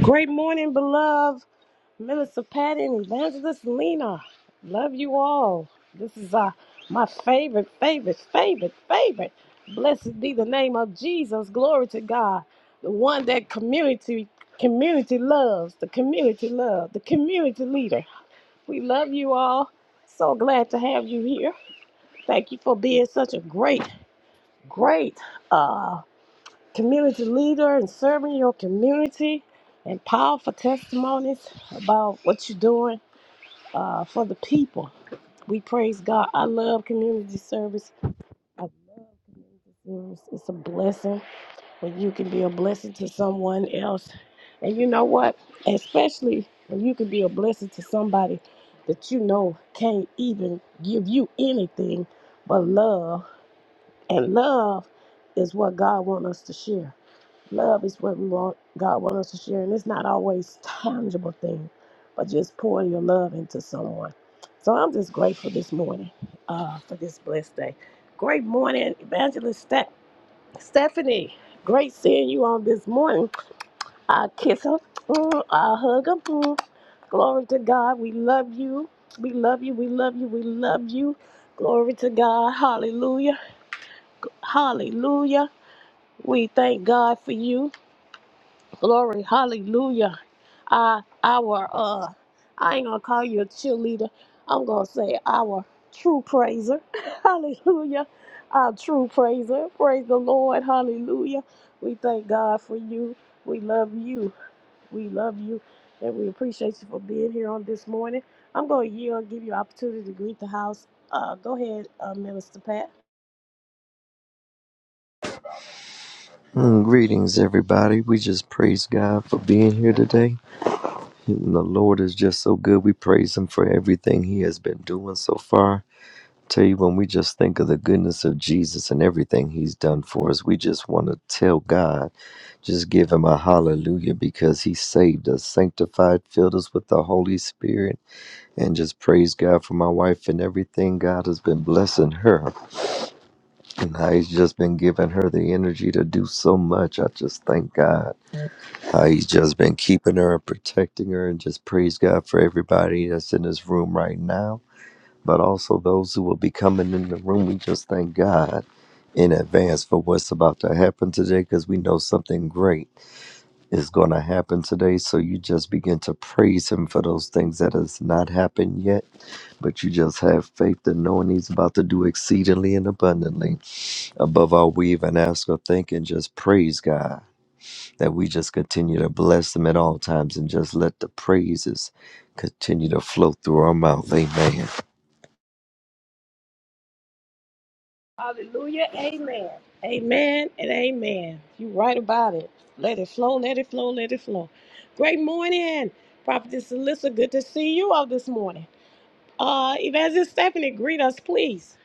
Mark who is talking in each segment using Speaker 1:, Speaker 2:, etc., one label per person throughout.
Speaker 1: Great morning, beloved. Melissa Patton, Evangelist Lena. Love you all. This is uh, my favorite, favorite, favorite, favorite. Blessed be the name of Jesus. Glory to God. The one that community community loves, the community love, the community leader. We love you all. So glad to have you here. Thank you for being such a great, great uh community leader and serving your community and powerful testimonies about what you're doing uh, for the people. We praise God. I love community service. I love community service. It's a blessing when you can be a blessing to someone else. And you know what? Especially when you can be a blessing to somebody that you know can't even give you anything but love. And love is what God wants us to share. Love is what we want God wants us to share, and it's not always tangible thing, but just pouring your love into someone. So I'm just grateful this morning uh, for this blessed day. Great morning, Evangelist Ste- Stephanie. Great seeing you on this morning. I kiss her, mm, I hug her. mm. Glory to God. We love you. We love you. We love you. We love you. Glory to God. Hallelujah. Hallelujah. We thank God for you. Glory. Hallelujah. uh, our uh, I ain't gonna call you a cheerleader. I'm gonna say our true praiser. Hallelujah. Our true praiser. Praise the Lord. Hallelujah. We thank God for you. We love you. We love you. And we appreciate you for being here on this morning. I'm gonna yield and give you opportunity to greet the house. Uh, go ahead, uh, Minister Pat.
Speaker 2: Mm, greetings, everybody. We just praise God for being here today. And the Lord is just so good. We praise Him for everything He has been doing so far. Tell you, when we just think of the goodness of Jesus and everything He's done for us, we just want to tell God, just give Him a hallelujah because He saved us, sanctified, filled us with the Holy Spirit, and just praise God for my wife and everything God has been blessing her. And how He's just been giving her the energy to do so much. I just thank God. How he's just been keeping her and protecting her, and just praise God for everybody that's in this room right now, but also those who will be coming in the room. We just thank God in advance for what's about to happen today because we know something great is going to happen today. So you just begin to praise Him for those things that has not happened yet, but you just have faith in knowing He's about to do exceedingly and abundantly above all we even ask or think, and just praise God that we just continue to bless him at all times and just let the praises continue to flow through our mouth. Amen.
Speaker 1: Hallelujah. Amen. Amen and amen. you right about it. Let it flow, let it flow, let it flow. Great morning, Prophetess Alyssa. Good to see you all this morning. Uh, Evangelist Stephanie, greet us, please.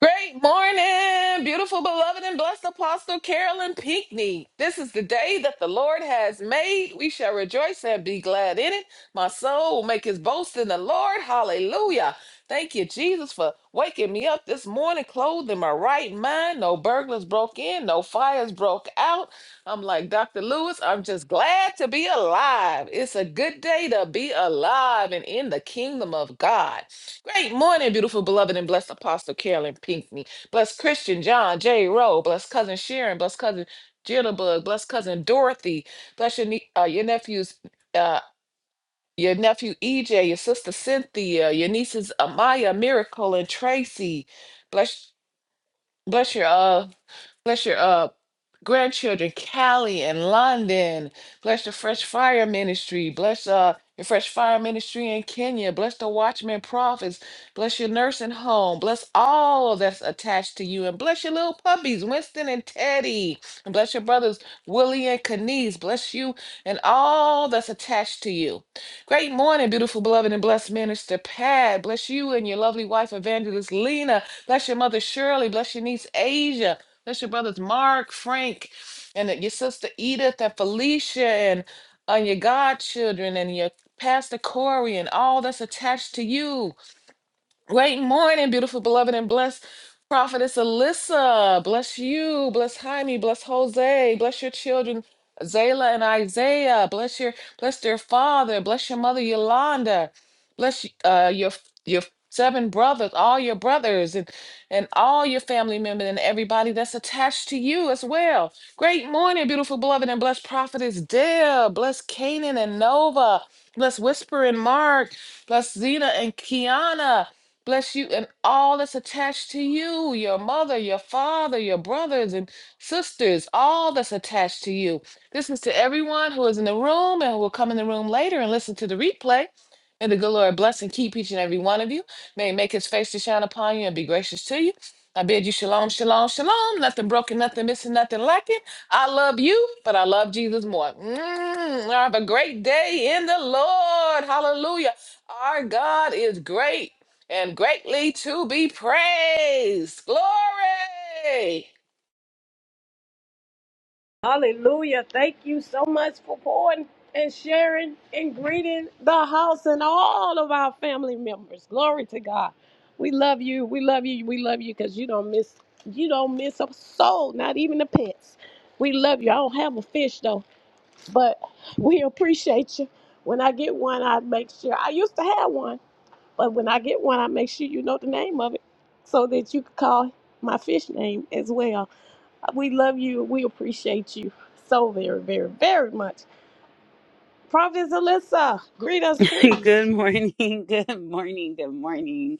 Speaker 3: Great morning, beautiful, beloved, and blessed Apostle Carolyn Pinckney. This is the day that the Lord has made. We shall rejoice and be glad in it. My soul will make his boast in the Lord. Hallelujah. Thank you, Jesus, for waking me up this morning, clothed in my right mind. No burglars broke in, no fires broke out. I'm like, Dr. Lewis, I'm just glad to be alive. It's a good day to be alive and in the kingdom of God. Great morning, beautiful, beloved, and blessed Apostle Carolyn Pinkney. Bless Christian John J. Rowe. Bless cousin Sharon. Bless cousin Jitterbug. Bless cousin Dorothy. Bless your nie- uh, your nephews, uh, your nephew EJ, your sister Cynthia, your nieces Amaya, Miracle, and Tracy. Bless. Bless your uh bless your uh grandchildren, Callie and London. Bless the Fresh Fire Ministry. Bless uh your Fresh Fire Ministry in Kenya. Bless the Watchman Prophets. Bless your nursing home. Bless all that's attached to you. And bless your little puppies, Winston and Teddy. And bless your brothers, Willie and Kanice. Bless you and all that's attached to you. Great morning, beautiful, beloved, and blessed minister Pat. Bless you and your lovely wife, Evangelist Lena. Bless your mother Shirley. Bless your niece Asia. Bless your brothers Mark, Frank, and your sister Edith and Felicia and on your godchildren and your pastor Corey and all that's attached to you. Great morning, beautiful, beloved, and blessed prophetess Alyssa. Bless you. Bless Jaime. Bless Jose. Bless your children, Zayla and Isaiah. Bless your bless their father. Bless your mother, Yolanda. Bless uh, your your seven brothers, all your brothers, and and all your family members, and everybody that's attached to you as well. Great morning, beautiful, beloved, and blessed prophetess Dale. Bless Canaan and Nova. Bless Whisper and Mark. Bless Zena and Kiana. Bless you and all that's attached to you, your mother, your father, your brothers and sisters, all that's attached to you. This is to everyone who is in the room and who will come in the room later and listen to the replay. May the good Lord bless and keep each and every one of you. May he make his face to shine upon you and be gracious to you. I bid you shalom, shalom, shalom. Nothing broken, nothing missing, nothing lacking. I love you, but I love Jesus more. Mm, have a great day in the Lord. Hallelujah. Our God is great and greatly to be praised. Glory.
Speaker 1: Hallelujah. Thank you so much for pouring and sharing and greeting the house and all of our family members. Glory to God. We love you. We love you. We love you because you don't miss you don't miss a soul, not even the pets. We love you. I don't have a fish though. But we appreciate you. When I get one, I make sure I used to have one, but when I get one, I make sure you know the name of it so that you can call my fish name as well. We love you. We appreciate you so very, very, very much. Prophet Alyssa, greet us,
Speaker 4: good
Speaker 1: please.
Speaker 4: morning. Good morning. Good morning.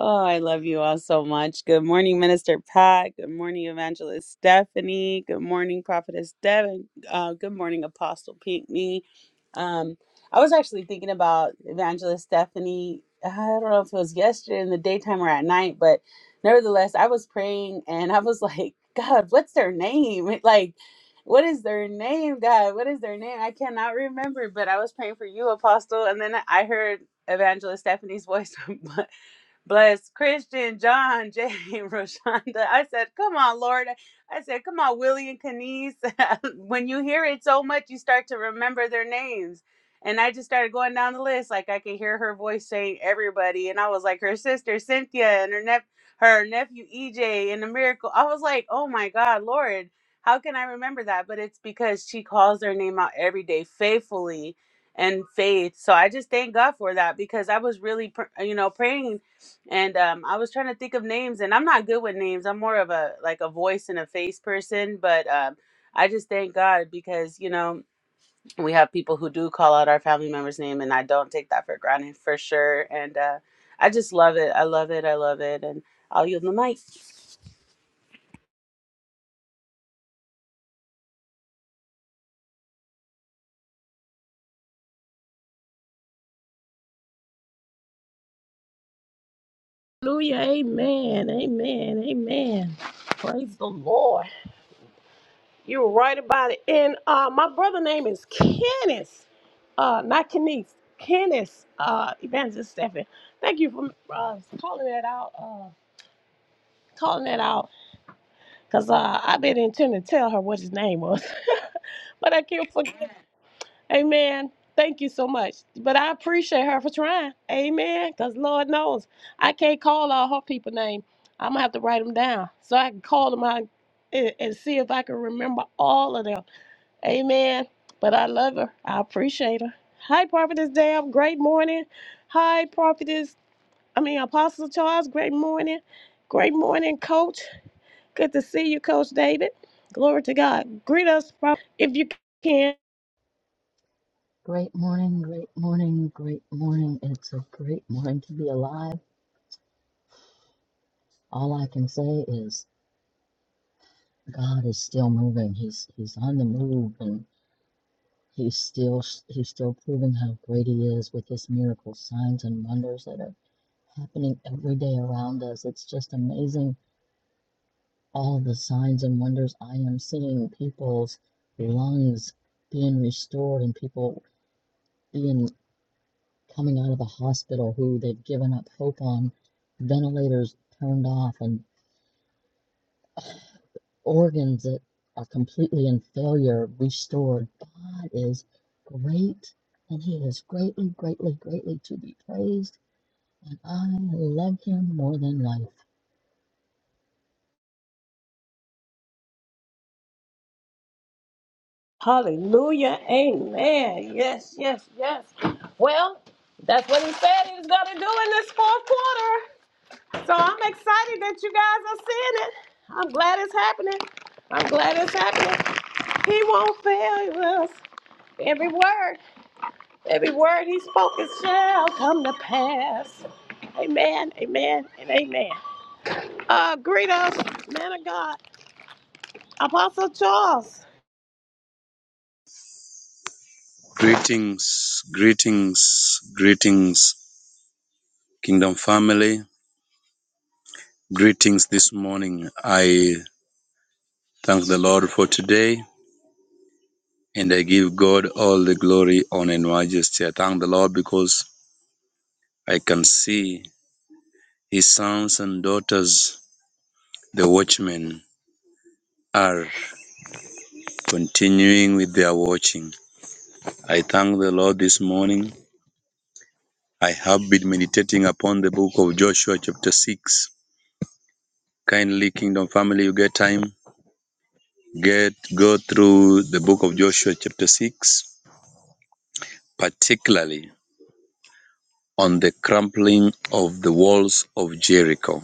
Speaker 4: Oh, I love you all so much. Good morning, Minister Pat. Good morning, Evangelist Stephanie. Good morning, Prophetess Devin. Uh, good morning, Apostle Pinckney. Um, I was actually thinking about Evangelist Stephanie. I don't know if it was yesterday in the daytime or at night, but nevertheless, I was praying and I was like, God, what's their name? Like, what is their name, God? What is their name? I cannot remember, but I was praying for you, Apostle, and then I heard Evangelist Stephanie's voice Bless Christian, John, Jay, Roshonda. I said, Come on, Lord. I said, Come on, Willie and Kenise. when you hear it so much, you start to remember their names. And I just started going down the list. Like I could hear her voice saying everybody. And I was like, Her sister, Cynthia, and her, nep- her nephew, EJ, and the miracle. I was like, Oh my God, Lord. How can I remember that? But it's because she calls their name out every day faithfully and faith. So I just thank God for that because I was really, pr- you know, praying and um, I was trying to think of names, and I'm not good with names. I'm more of a like a voice and a face person. But um, I just thank God because you know we have people who do call out our family members' name, and I don't take that for granted for sure. And uh, I just love it. I love it. I love it. And I'll yield the mic.
Speaker 1: Hallelujah. Amen. Amen. Amen. Praise the Lord. You're right about it. And uh, my brother name is Kenneth, uh, not Kenneth. Kenneth, uh, Evangelist Stephen. Thank you for uh, calling that out. Uh, calling that out, cause uh, I've been intending to tell her what his name was, but I can't forget. Amen. Thank you so much. But I appreciate her for trying. Amen. Cause Lord knows I can't call all her people name. I'm gonna have to write them down so I can call them out and, and see if I can remember all of them. Amen. But I love her. I appreciate her. Hi, Prophetess Dab. Great morning. Hi, Prophetess. I mean, Apostle Charles. Great morning. Great morning, Coach. Good to see you, Coach David. Glory to God. Greet us Pro- if you can.
Speaker 5: Great morning, great morning, great morning. It's a great morning to be alive. All I can say is God is still moving. He's he's on the move and he's still he's still proving how great he is with his miracles, signs and wonders that are happening every day around us. It's just amazing all the signs and wonders I am seeing people's lungs being restored and people being coming out of the hospital who they've given up hope on, ventilators turned off, and organs that are completely in failure restored. God is great, and He is greatly, greatly, greatly to be praised, and I love Him more than life.
Speaker 1: Hallelujah. Amen. Yes, yes, yes. Well, that's what he said he was going to do in this fourth quarter. So I'm excited that you guys are seeing it. I'm glad it's happening. I'm glad it's happening. He won't fail us. Every word, every word he spoken shall come to pass. Amen, amen, and amen. Uh, greet us, man of God, Apostle Charles.
Speaker 6: Greetings, greetings, greetings, Kingdom family. Greetings this morning. I thank the Lord for today and I give God all the glory, honor, and majesty. I thank the Lord because I can see His sons and daughters, the watchmen, are continuing with their watching. I thank the Lord this morning. I have been meditating upon the book of Joshua, chapter 6. Kindly, Kingdom family, you get time get go through the book of Joshua chapter 6 particularly on the crumbling of the walls of Jericho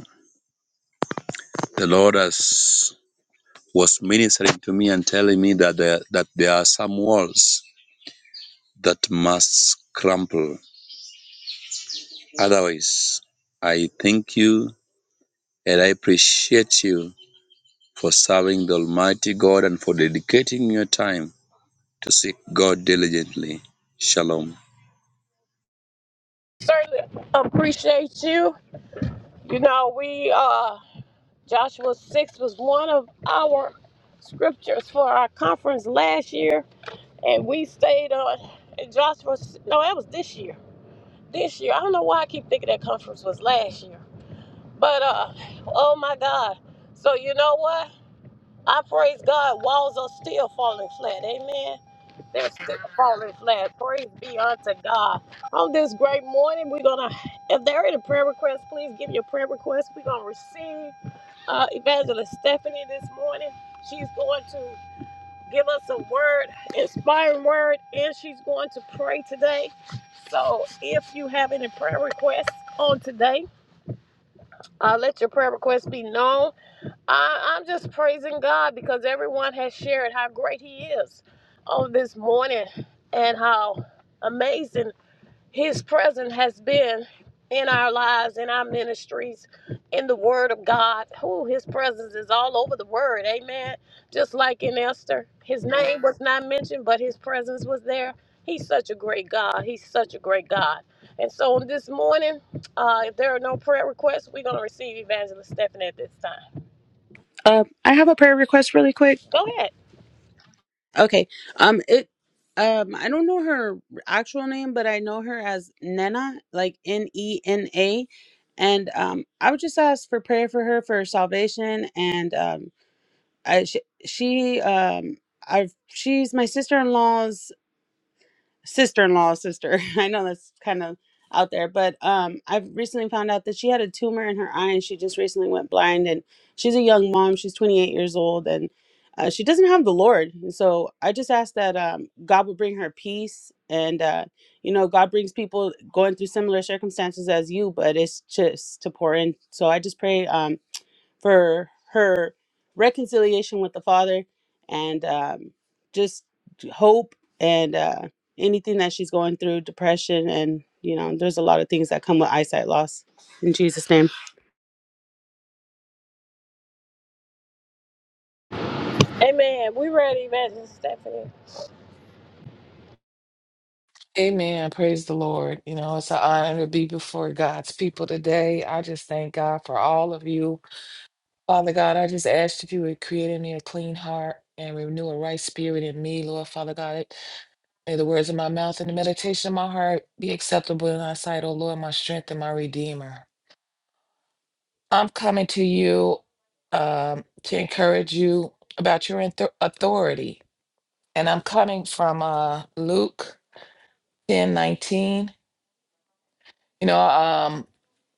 Speaker 6: the Lord has was ministering to me and telling me that there, that there are some walls that must crumble otherwise I thank you and I appreciate you for serving the almighty God and for dedicating your time to seek God diligently shalom
Speaker 1: Certainly appreciate you. You know, we, uh, Joshua 6 was one of our scriptures for our conference last year, and we stayed on in Joshua, s- no, that was this year. This year, I don't know why I keep thinking that conference was last year. But uh, oh my God. So you know what? I praise God. Walls are still falling flat. Amen. They're still falling flat. Praise be unto God. On this great morning, we're gonna. If there are any prayer requests, please give your prayer request. We're gonna receive uh, Evangelist Stephanie this morning. She's going to give us a word, inspiring word, and she's going to pray today. So if you have any prayer requests on today, uh, let your prayer requests be known. I, I'm just praising God because everyone has shared how great He is on this morning and how amazing His presence has been in our lives, in our ministries, in the Word of God. Who His presence is all over the Word, amen. Just like in Esther, His name was not mentioned, but His presence was there. He's such a great God. He's such a great God. And so this morning, uh, if there are no prayer requests, we're going to receive Evangelist Stephanie at this time.
Speaker 4: Uh, I have a prayer request really quick.
Speaker 1: Go ahead.
Speaker 4: Okay. Um it um I don't know her actual name, but I know her as Nena, like N E N A. And um I would just ask for prayer for her for salvation and um I she, she um I've she's my sister-in-law's sister-in-law sister i know that's kind of out there but um i've recently found out that she had a tumor in her eye and she just recently went blind and she's a young mom she's 28 years old and uh, she doesn't have the lord and so i just ask that um god will bring her peace and uh you know god brings people going through similar circumstances as you but it's just to pour in so i just pray um for her reconciliation with the Father and um, just hope and uh, anything that she's going through, depression, and you know, there's a lot of things that come with eyesight loss. In Jesus' name.
Speaker 1: Amen. We ready, Evangelist Stephanie.
Speaker 3: Amen. Praise the Lord. You know, it's an honor to be before God's people today. I just thank God for all of you. Father God, I just asked if you would create in me a clean heart and renew a right spirit in me, Lord Father God. May the words of my mouth and the meditation of my heart be acceptable in thy sight, O Lord, my strength and my redeemer. I'm coming to you um, to encourage you about your author- authority. and I'm coming from uh, Luke ten nineteen. You know, um,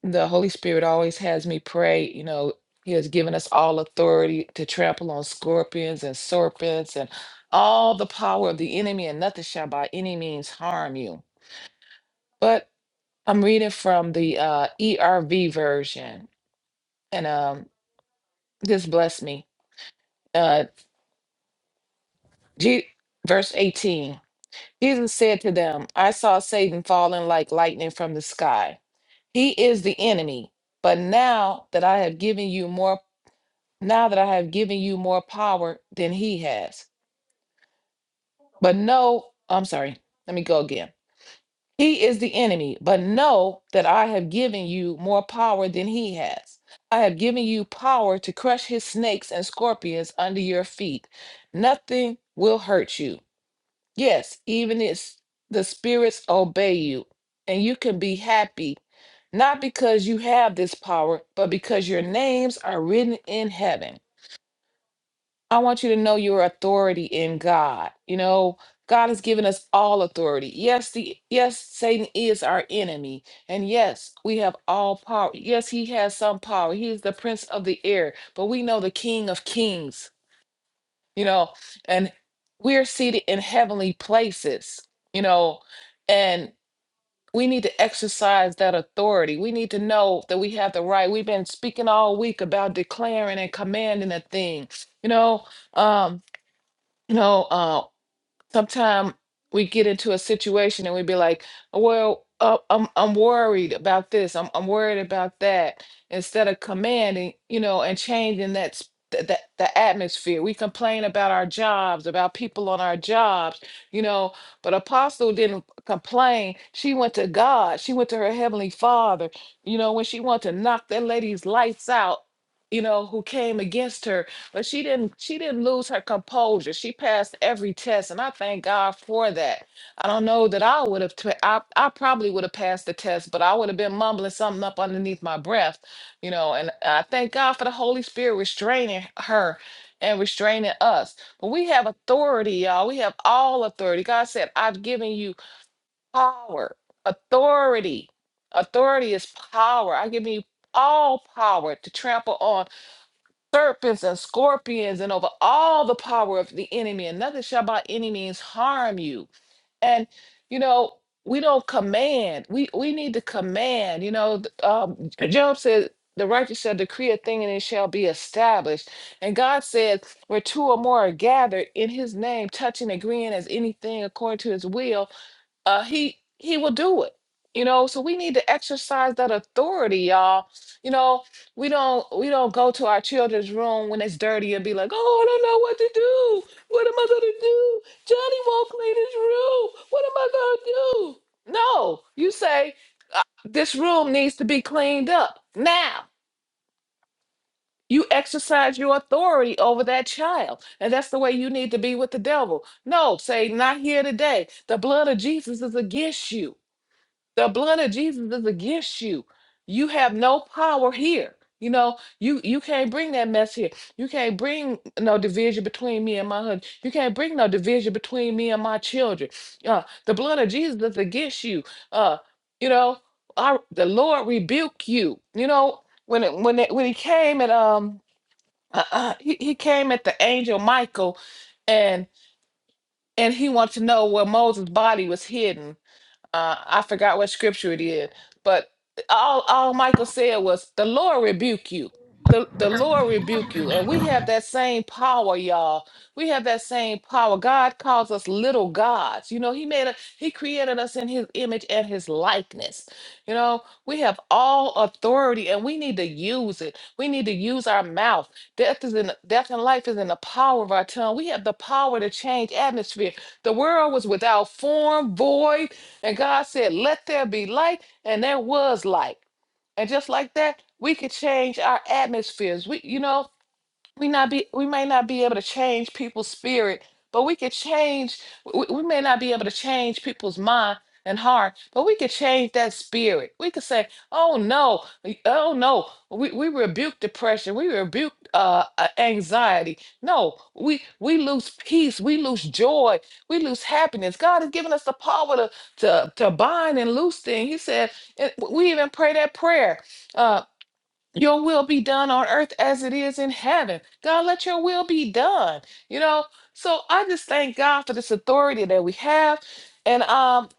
Speaker 3: the Holy Spirit always has me pray. You know, He has given us all authority to trample on scorpions and serpents and all the power of the enemy, and nothing shall by any means harm you. But I'm reading from the uh, ERV version, and um, this blessed me. Uh, G- verse 18 Jesus said to them, I saw Satan falling like lightning from the sky. He is the enemy. But now that I have given you more, now that I have given you more power than he has. But no, I'm sorry. Let me go again. He is the enemy, but know that I have given you more power than he has. I have given you power to crush his snakes and scorpions under your feet. Nothing will hurt you. Yes, even if the spirits obey you, and you can be happy, not because you have this power, but because your names are written in heaven. I want you to know your authority in God. You know, God has given us all authority. Yes, the yes, Satan is our enemy. And yes, we have all power. Yes, he has some power. He is the prince of the air, but we know the king of kings you know, and we're seated in heavenly places, you know, and we need to exercise that authority. We need to know that we have the right. We've been speaking all week about declaring and commanding a thing, you know, um, you know, uh, sometimes we get into a situation and we be like, well, uh, I'm I'm worried about this. I'm I'm worried about that. Instead of commanding, you know, and changing that s- th- that the atmosphere. We complain about our jobs, about people on our jobs, you know. But Apostle didn't complain. She went to God. She went to her heavenly Father. You know, when she wanted to knock that lady's lights out, you know, who came against her. But she didn't she didn't lose her composure. She passed every test and I thank God for that. I don't know that I would have t- I, I probably would have passed the test, but I would have been mumbling something up underneath my breath, you know, and I thank God for the Holy Spirit restraining her and restraining us. But we have authority, y'all. We have all authority. God said, "I've given you power, authority. Authority is power. I've given you all power to trample on serpents and scorpions and over all the power of the enemy, and nothing shall by any means harm you. And you know, we don't command. We we need to command. You know, th- um, Job said, "The righteous shall decree a thing, and it shall be established." And God said, "Where two or more are gathered in His name, touching, agreeing as anything according to His will." uh, he he will do it. You know, so we need to exercise that authority, y'all. You know, we don't we don't go to our children's room when it's dirty and be like, oh, I don't know what to do. What am I gonna do? Johnny won't clean his room. What am I gonna do? No, you say this room needs to be cleaned up now. You exercise your authority over that child. And that's the way you need to be with the devil. No, say, not here today. The blood of Jesus is against you. The blood of Jesus is against you. You have no power here. You know, you you can't bring that mess here. You can't bring no division between me and my husband. You can't bring no division between me and my children. Uh, the blood of Jesus is against you. Uh, you know, our, the Lord rebuke you. You know, when it, when it, when he came at um uh, uh, he, he came at the angel Michael, and and he wanted to know where Moses' body was hidden uh, I forgot what scripture it is, but all all Michael said was, "The Lord rebuke you." The, the Lord rebuke you. And we have that same power, y'all. We have that same power. God calls us little gods. You know, He made a, He created us in His image and His likeness. You know, we have all authority and we need to use it. We need to use our mouth. Death is in death and life is in the power of our tongue. We have the power to change atmosphere. The world was without form, void, and God said, Let there be light, and there was light. And just like that, we could change our atmospheres. We, you know, we not be we may not be able to change people's spirit but we could change we, we may not be able to change people's mind and heart but we could change that spirit we could say oh no we- oh no we, we rebuke depression we rebuke uh uh, anxiety no we we lose peace we lose joy we lose happiness god has given us the power to to, to bind and loose things he said and we even pray that prayer uh, your will be done on earth as it is in heaven. God, let your will be done. You know, so I just thank God for this authority that we have and um,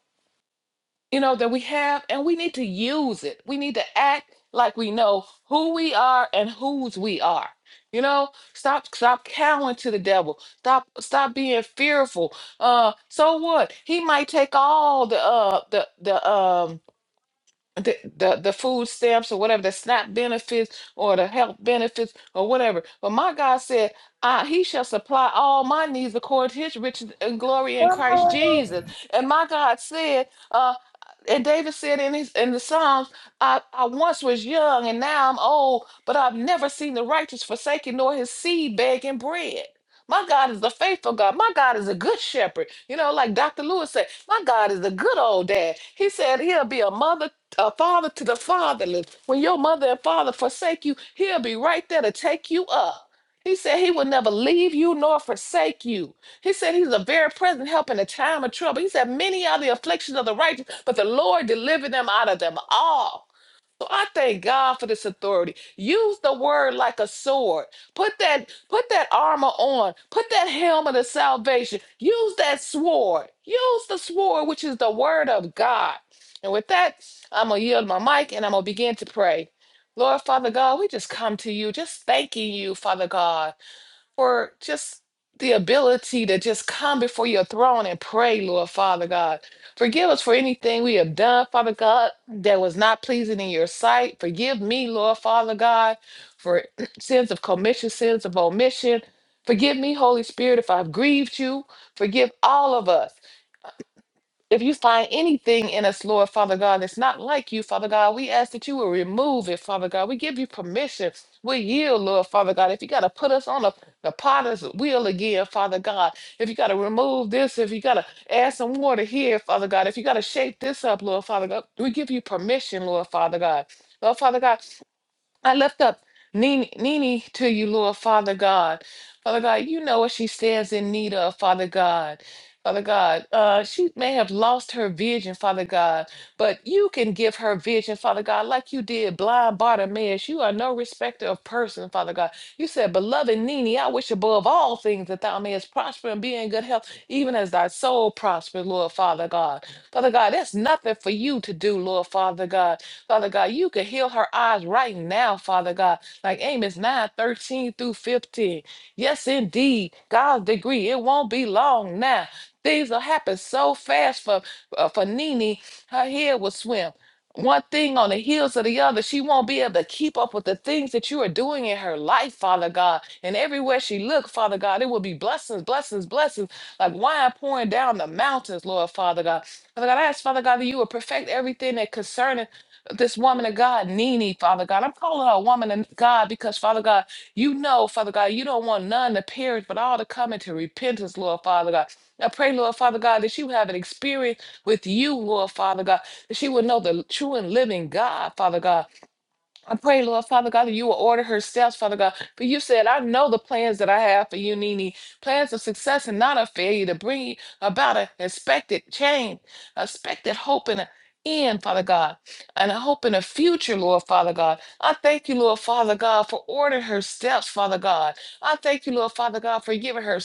Speaker 3: you know, that we have and we need to use it. We need to act like we know who we are and whose we are. You know, stop stop cowering to the devil. Stop stop being fearful. Uh so what? He might take all the uh the the um the, the the food stamps or whatever the SNAP benefits or the health benefits or whatever. But my God said, "I He shall supply all my needs according to His riches and glory in Christ Jesus." And my God said, uh, and David said in his in the Psalms, I, "I once was young and now I'm old, but I've never seen the righteous forsaken nor his seed begging bread." My God is a faithful God. My God is a good shepherd. You know, like Dr. Lewis said, my God is a good old dad. He said he'll be a mother a father to the fatherless. When your mother and father forsake you, he'll be right there to take you up. He said he will never leave you nor forsake you. He said he's a very present help in a time of trouble. He said, Many are the afflictions of the righteous, but the Lord delivered them out of them all. So I thank God for this authority. Use the word like a sword. Put that put that armor on. Put that helmet of salvation. Use that sword. Use the sword which is the word of God. And with that, I'm going to yield my mic and I'm going to begin to pray. Lord Father God, we just come to you just thanking you, Father God for just the ability to just come before your throne and pray, Lord Father God. Forgive us for anything we have done, Father God, that was not pleasing in your sight. Forgive me, Lord Father God, for sins of commission, sins of omission. Forgive me, Holy Spirit, if I've grieved you. Forgive all of us. If you find anything in us, Lord Father God, that's not like you, Father God, we ask that you will remove it, Father God. We give you permission. We yield, Lord Father God. If you got to put us on the, the potter's wheel again, Father God, if you got to remove this, if you got to add some water here, Father God, if you got to shake this up, Lord Father God, we give you permission, Lord Father God. Lord Father God, I lift up Nini, Nini to you, Lord Father God. Father God, you know what she stands in need of, Father God. Father God, uh, she may have lost her vision, Father God, but you can give her vision, Father God, like you did blind Bartimaeus. You are no respecter of person, Father God. You said, Beloved Nini, I wish above all things that thou mayest prosper and be in good health, even as thy soul prospers, Lord Father God. Father God, that's nothing for you to do, Lord Father God. Father God, you could heal her eyes right now, Father God, like Amos 9 13 through 15. Yes, indeed, God's degree, it won't be long now. Things will happen so fast for, uh, for Nene, her head will swim. One thing on the heels of the other, she won't be able to keep up with the things that you are doing in her life, Father God. And everywhere she look, Father God, it will be blessings, blessings, blessings, like wine pouring down the mountains, Lord Father God. Father God, I ask, Father God, that you would perfect everything that concerns this woman of God, Nene, Father God. I'm calling her a woman of God because, Father God, you know, Father God, you don't want none to perish, but all to come into repentance, Lord Father God. I pray, Lord Father God, that she would have an experience with you, Lord Father God, that she would know the true and living God, Father God. I pray, Lord Father God, that you will order her steps, Father God. For you said, I know the plans that I have for you, Nini. Plans of success and not of failure to bring about an expected change, expected hope and an end, Father God, and a hope in a future, Lord Father God. I thank you, Lord Father God, for ordering her steps, Father God. I thank you, Lord Father God, for giving her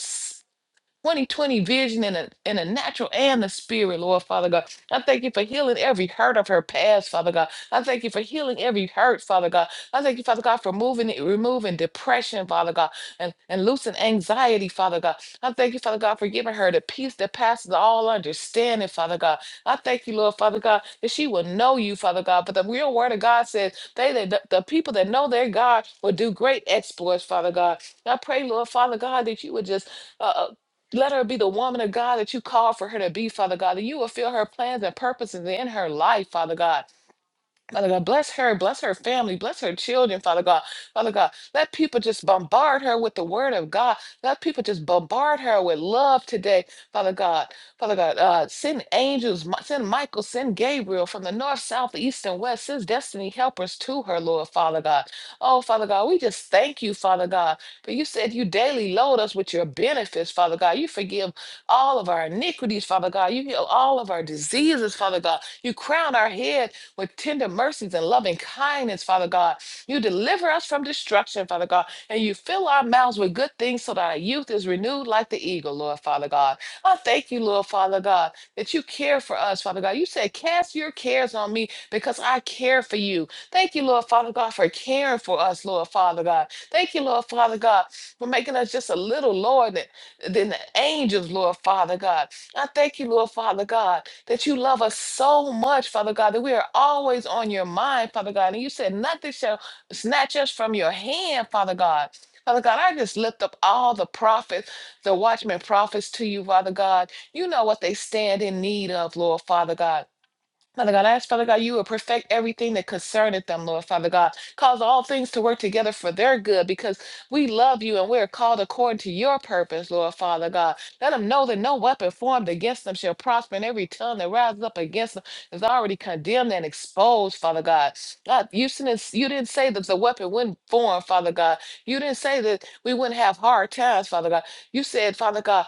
Speaker 3: 2020 vision in a in a natural and the spirit, Lord Father God. I thank you for healing every hurt of her past, Father God. I thank you for healing every hurt, Father God. I thank you, Father God, for moving it, removing depression, Father God, and, and loosening anxiety, Father God. I thank you, Father God, for giving her the peace that passes all understanding, Father God. I thank you, Lord Father God, that she will know you, Father God. But the real word of God says, they that the the people that know their God will do great exploits, Father God. I pray, Lord Father God, that you would just uh. uh, let her be the woman of God that you called for her to be, Father God, that you will fill her plans and purposes in her life, Father God. Father God, bless her, bless her family, bless her children, Father God. Father God, let people just bombard her with the word of God. Let people just bombard her with love today, Father God. Father God, uh, send angels, Mi- send Michael, send Gabriel from the north, south, east, and west. Send destiny helpers to her, Lord, Father God. Oh, Father God, we just thank you, Father God. For you said you daily load us with your benefits, Father God. You forgive all of our iniquities, Father God. You heal all of our diseases, Father God. You crown our head with tender mercies and loving kindness, Father God. You deliver us from destruction, Father God, and you fill our mouths with good things so that our youth is renewed like the eagle, Lord, Father God. I thank you, Lord, Father God, that you care for us, Father God. You said, Cast your cares on me because I care for you. Thank you, Lord, Father God, for caring for us, Lord, Father God. Thank you, Lord, Father God, for making us just a little lower than, than the angels, Lord, Father God. I thank you, Lord, Father God, that you love us so much, Father God, that we are always on your mind, Father God. And you said nothing shall snatch us from your hand, Father God. Father God, I just lift up all the prophets, the watchmen prophets to you, Father God. You know what they stand in need of, Lord Father God. Father God, I ask, Father God, you will perfect everything that concerneth them, Lord Father God. Cause all things to work together for their good because we love you and we are called according to your purpose, Lord Father God. Let them know that no weapon formed against them shall prosper, and every tongue that rises up against them is already condemned and exposed, Father God. God, you, didn't, you didn't say that the weapon wouldn't form, Father God. You didn't say that we wouldn't have hard times, Father God. You said, Father God,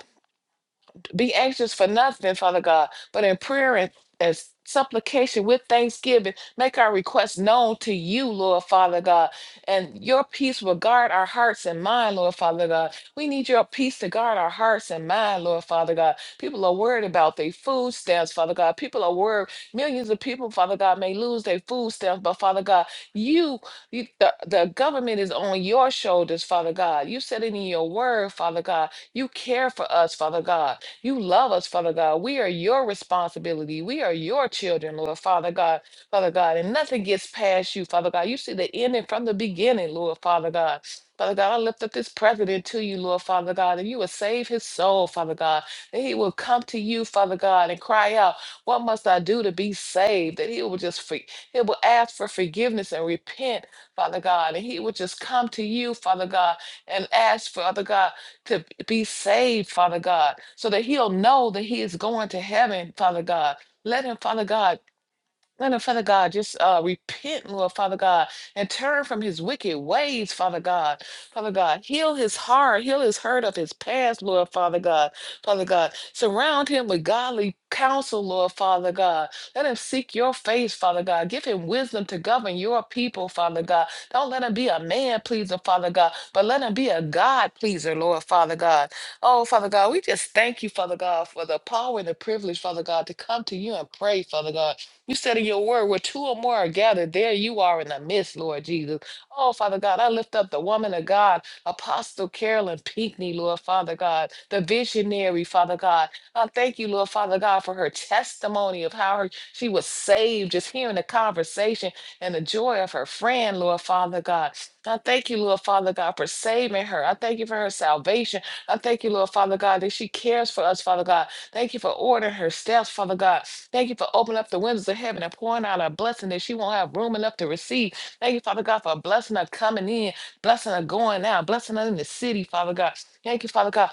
Speaker 3: be anxious for nothing, Father God, but in prayer and as supplication with thanksgiving, make our requests known to you, Lord Father God. And your peace will guard our hearts and mind, Lord Father God. We need your peace to guard our hearts and mind, Lord Father God. People are worried about their food stamps, Father God. People are worried. Millions of people, Father God, may lose their food stamps, but Father God, you, you the, the government is on your shoulders, Father God. You said it in your word, Father God. You care for us, Father God. You love us, Father God. We are your responsibility. We are your children, Lord, Father God, Father God. And nothing gets past you, Father God. You see the ending from the beginning, Lord, Father God. Father God, I lift up this president to you, Lord, Father God, and you will save his soul, Father God. That he will come to you, Father God, and cry out, What must I do to be saved? That he will just free, he will ask for forgiveness and repent, Father God. And he will just come to you, Father God, and ask, Father God to be saved, Father God, so that he'll know that he is going to heaven, Father God. Let him, Father God, let him, Father God, just uh, repent, Lord, Father God, and turn from his wicked ways, Father God. Father God, heal his heart, heal his hurt of his past, Lord, Father God. Father God, surround him with godly counsel, Lord, Father God. Let him seek your face, Father God. Give him wisdom to govern your people, Father God. Don't let him be a man pleaser, Father God, but let him be a God pleaser, Lord, Father God. Oh, Father God, we just thank you, Father God, for the power and the privilege, Father God, to come to you and pray, Father God. You said in your word, where two or more are gathered, there you are in the midst, Lord Jesus. Oh, Father God, I lift up the woman of God, Apostle Carolyn Pinckney, Lord Father God, the visionary, Father God. I thank you, Lord Father God, for her testimony of how her, she was saved, just hearing the conversation and the joy of her friend, Lord Father God. I thank you, Lord Father God, for saving her. I thank you for her salvation. I thank you, Lord Father God, that she cares for us, Father God. Thank you for ordering her steps, Father God. Thank you for opening up the windows of heaven and pouring out a blessing that she won't have room enough to receive. Thank you, Father God, for a blessing of coming in, blessing of going out, blessing her in the city, Father God. Thank you, Father God,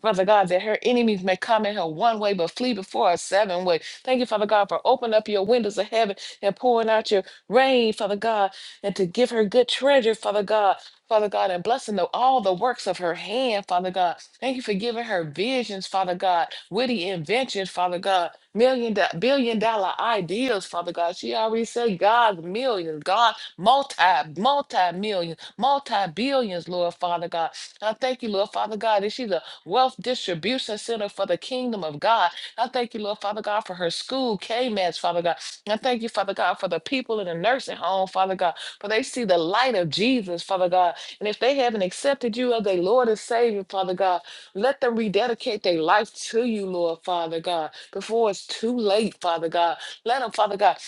Speaker 3: Father God, that her enemies may come at her one way, but flee before her seven way. Thank you, Father God, for opening up your windows of heaven and pouring out your rain, Father God, and to give her good treasure, Father God, Father God, and blessing the, all the works of her hand, Father God. Thank you for giving her visions, Father God, witty inventions, Father God, million do- billion dollar ideas, Father God. She already said God's millions, God multi multi millions, multi billions, Lord Father God. I thank you, Lord Father God, that she's a Wealth Distribution Center for the Kingdom of God. I thank you, Lord Father God, for her school, K-Meds, Father God. I thank you, Father God, for the people in the nursing home, Father God, for they see the light of Jesus, Father God. And if they haven't accepted you as their Lord and Savior, Father God, let them rededicate their life to you, Lord Father God, before it's too late, Father God. Let them, Father God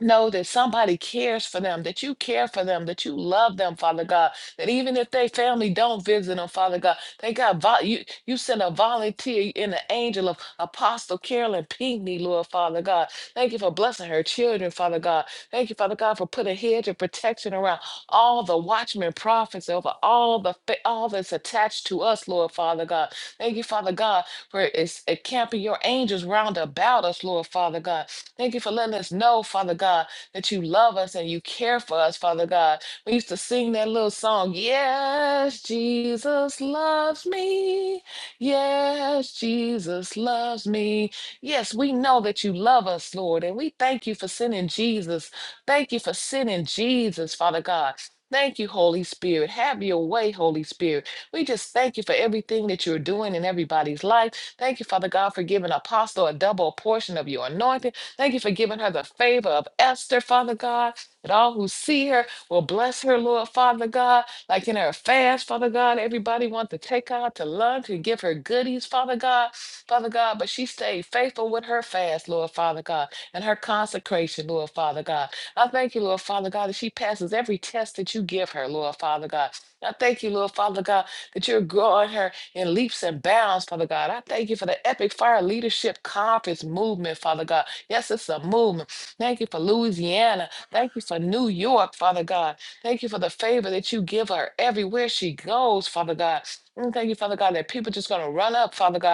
Speaker 3: know that somebody cares for them, that you care for them, that you love them, Father God. That even if they family don't visit them, Father God, they got vol- you. You send a volunteer in the angel of Apostle Carolyn Pinckney, Lord Father God. Thank you for blessing her children, Father God. Thank you, Father God, for putting a hedge of protection around all the watchmen, prophets, over all the fa- all that's attached to us, Lord Father God. Thank you, Father God, for it's, it camping your angels round about us, Lord Father God. Thank you for letting us know, Father God, that you love us and you care for us, Father God. We used to sing that little song, Yes, Jesus loves me. Yes, Jesus loves me. Yes, we know that you love us, Lord, and we thank you for sending Jesus. Thank you for sending Jesus, Father God. Thank you, Holy Spirit. Have your way, Holy Spirit. We just thank you for everything that you're doing in everybody's life. Thank you, Father God, for giving Apostle a double portion of your anointing. Thank you for giving her the favor of Esther, Father God, that all who see her will bless her, Lord, Father God. Like in her fast, Father God, everybody wants to take her out to lunch and give her goodies, Father God, Father God, but she stayed faithful with her fast, Lord, Father God, and her consecration, Lord, Father God. I thank you, Lord, Father God, that she passes every test that you give her, Lord, Father God. I thank you, Lord, Father God, that you're growing her in leaps and bounds, Father God. I thank you for the Epic Fire Leadership Conference movement, Father God. Yes, it's a movement. Thank you for Louisiana. Thank you for New York, Father God. Thank you for the favor that you give her everywhere she goes, Father God. Mm, Thank you, Father God, that people just going to run up, Father God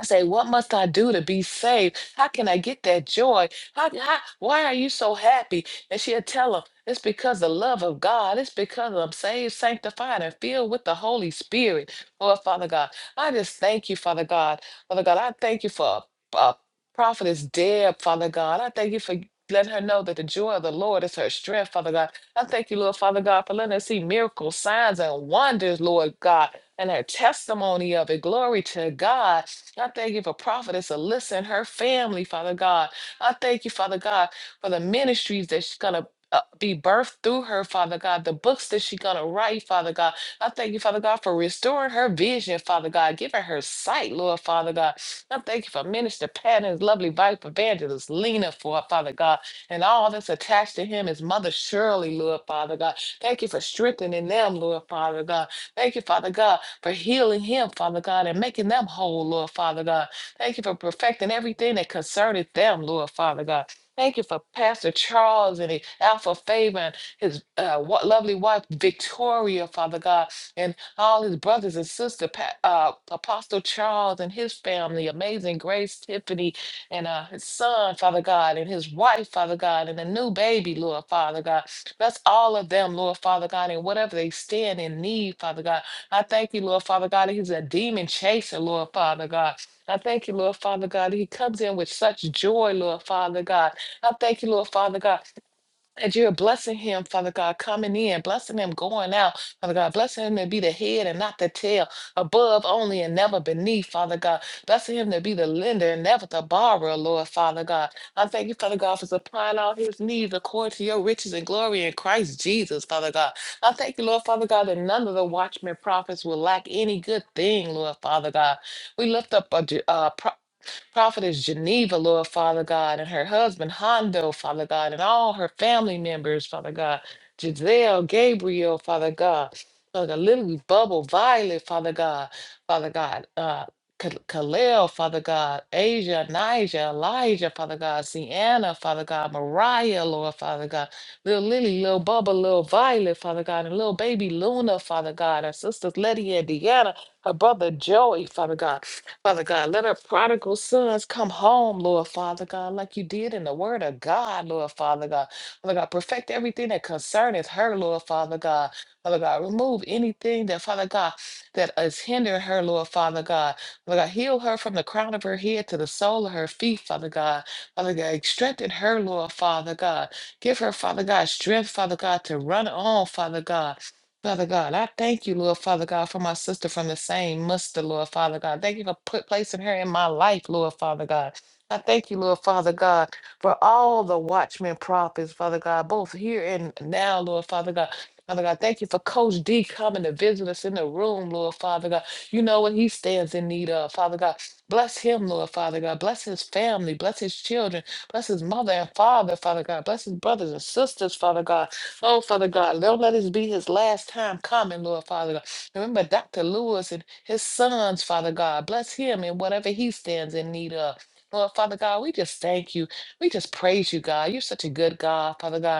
Speaker 3: I say, what must I do to be saved? How can I get that joy? How, how, why are you so happy? And she'll tell him, it's because the love of God. It's because I'm saved, sanctified, and filled with the Holy Spirit. Lord, Father God, I just thank you, Father God. Father God, I thank you for uh, Prophetess Deb, Father God. I thank you for letting her know that the joy of the Lord is her strength, Father God. I thank you, Lord, Father God, for letting her see miracles, signs, and wonders, Lord God, and her testimony of it. Glory to God. I thank you for Prophetess Alyssa and her family, Father God. I thank you, Father God, for the ministries that she's going to uh, be birthed through her, Father God, the books that she's going to write, Father God. I thank you, Father God, for restoring her vision, Father God, giving her sight, Lord, Father God. I thank you for Minister Pat and his lovely wife, Evangelist Lena, for Father God, and all that's attached to him is Mother Shirley, Lord, Father God. Thank you for strengthening them, Lord, Father God. Thank you, Father God, for healing him, Father God, and making them whole, Lord Father God. Thank you for perfecting everything that concerned them, Lord Father God. Thank you for Pastor Charles and Alpha Favor and his uh, wa- lovely wife Victoria, Father God, and all his brothers and sisters, uh, Apostle Charles and his family, Amazing Grace Tiffany, and uh, his son, Father God, and his wife, Father God, and the new baby, Lord Father God. Bless all of them, Lord Father God, and whatever they stand in need, Father God. I thank you, Lord Father God, that he's a demon chaser, Lord Father God. I thank you, Lord Father God, that he comes in with such joy, Lord Father God. I thank you, Lord Father God. And you're blessing him, Father God, coming in, blessing him going out, Father God, blessing him to be the head and not the tail, above only and never beneath, Father God, blessing him to be the lender and never the borrower, Lord, Father God. I thank you, Father God, for supplying all his needs according to your riches and glory in Christ Jesus, Father God. I thank you, Lord, Father God, that none of the watchmen prophets will lack any good thing, Lord, Father God. We lift up a, uh, Prophetess Geneva, Lord Father God, and her husband Hondo, Father God, and all her family members, Father God, Giselle, Gabriel, Father God, Father God, Lily, Bubble, Violet, Father God, Father God, uh, Ka- Kalel, Father God, Asia, Nija, Elijah, Father God, Sienna, Father God, Mariah, Lord Father God, Little Lily, Little Bubba, Little Violet, Father God, and Little Baby Luna, Father God, her sisters Letty and Deanna, her brother Joey, Father God. Father God, let our prodigal sons come home, Lord Father God, like you did in the word of God, Lord Father God. Father God, perfect everything that concerneth her, Lord Father God. Father God, remove anything that, Father God, that is hindering her, Lord Father God. Father God, heal her from the crown of her head to the sole of her feet, Father God. Father God, strengthen her, Lord Father God. Give her, Father God, strength, Father God, to run on, Father God. Father God, I thank you, Lord Father God, for my sister from the same muster, Lord Father God. Thank you for put, placing her in my life, Lord Father God. I thank you, Lord Father God, for all the watchmen prophets, Father God, both here and now, Lord Father God. Father God, thank you for Coach D coming to visit us in the room, Lord Father God. You know what he stands in need of, Father God. Bless him, Lord Father God. Bless his family. Bless his children. Bless his mother and father, Father God. Bless his brothers and sisters, Father God. Oh, Father God, don't let this be his last time coming, Lord Father God. Remember Dr. Lewis and his sons, Father God. Bless him in whatever he stands in need of. Lord Father God, we just thank you. We just praise you, God. You're such a good God, Father God.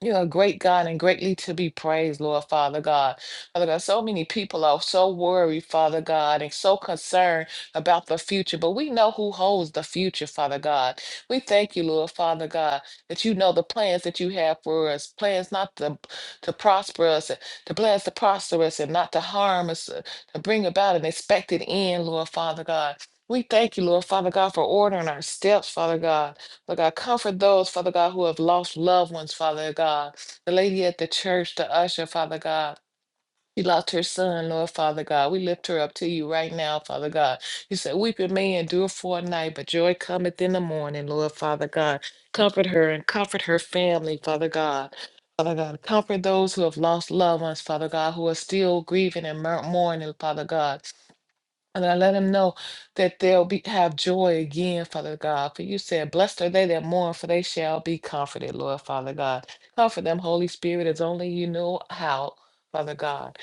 Speaker 3: You're a great God and greatly to be praised, Lord Father God. Father God, so many people are so worried, Father God, and so concerned about the future, but we know who holds the future, Father God. We thank you, Lord Father God, that you know the plans that you have for us plans not to, to prosper us, the plans to prosper us and not to harm us, uh, to bring about an expected end, Lord Father God. We thank you, Lord Father God, for ordering our steps, Father God. Lord God, comfort those, Father God, who have lost loved ones, Father God. The lady at the church, the usher, Father God. She lost her son, Lord Father God. We lift her up to you right now, Father God. You said, Weeping may endure for a night, but joy cometh in the morning, Lord Father God. Comfort her and comfort her family, Father God. Father God, comfort those who have lost loved ones, Father God, who are still grieving and mur- mourning, Father God. And I let them know that they'll be have joy again, Father God. For you said, Blessed are they that mourn, for they shall be comforted, Lord Father God. Comfort them, Holy Spirit, as only you know how, Father God.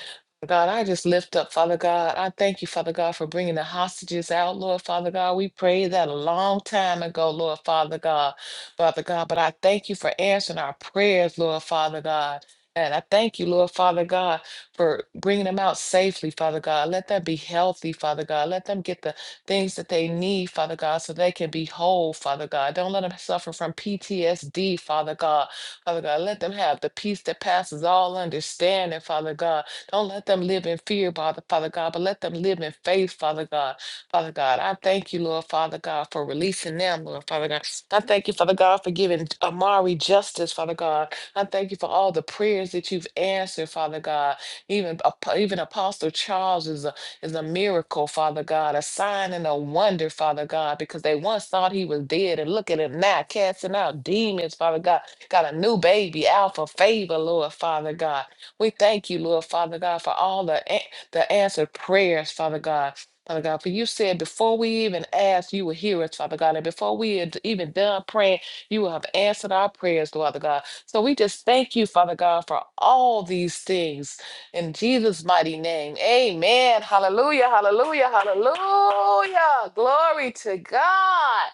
Speaker 3: God, I just lift up, Father God. I thank you, Father God, for bringing the hostages out, Lord Father God. We prayed that a long time ago, Lord Father God, Father God. But I thank you for answering our prayers, Lord Father God. And I thank you, Lord Father God for bringing them out safely, Father God. Let them be healthy, Father God. Let them get the things that they need, Father God, so they can be whole, Father God. Don't let them suffer from PTSD, Father God. Father God, let them have the peace that passes all understanding, Father God. Don't let them live in fear, Father Father God, but let them live in faith, Father God. Father God, I thank you, Lord Father God, for releasing them, Lord Father God. I thank you, Father God, for giving Amari justice, Father God. I thank you for all the prayers that you've answered, Father God. Even ap- even Apostle Charles is a is a miracle, Father God, a sign and a wonder, Father God, because they once thought he was dead, and look at him now, casting out demons, Father God. Got a new baby, Alpha Favor, Lord Father God. We thank you, Lord Father God, for all the a- the answered prayers, Father God. Father God, for you said before we even asked, you will hear us, Father God. And before we had even done praying, you have answered our prayers, Father God. So we just thank you, Father God, for all these things. In Jesus' mighty name, amen. Hallelujah, hallelujah, hallelujah. Glory to God.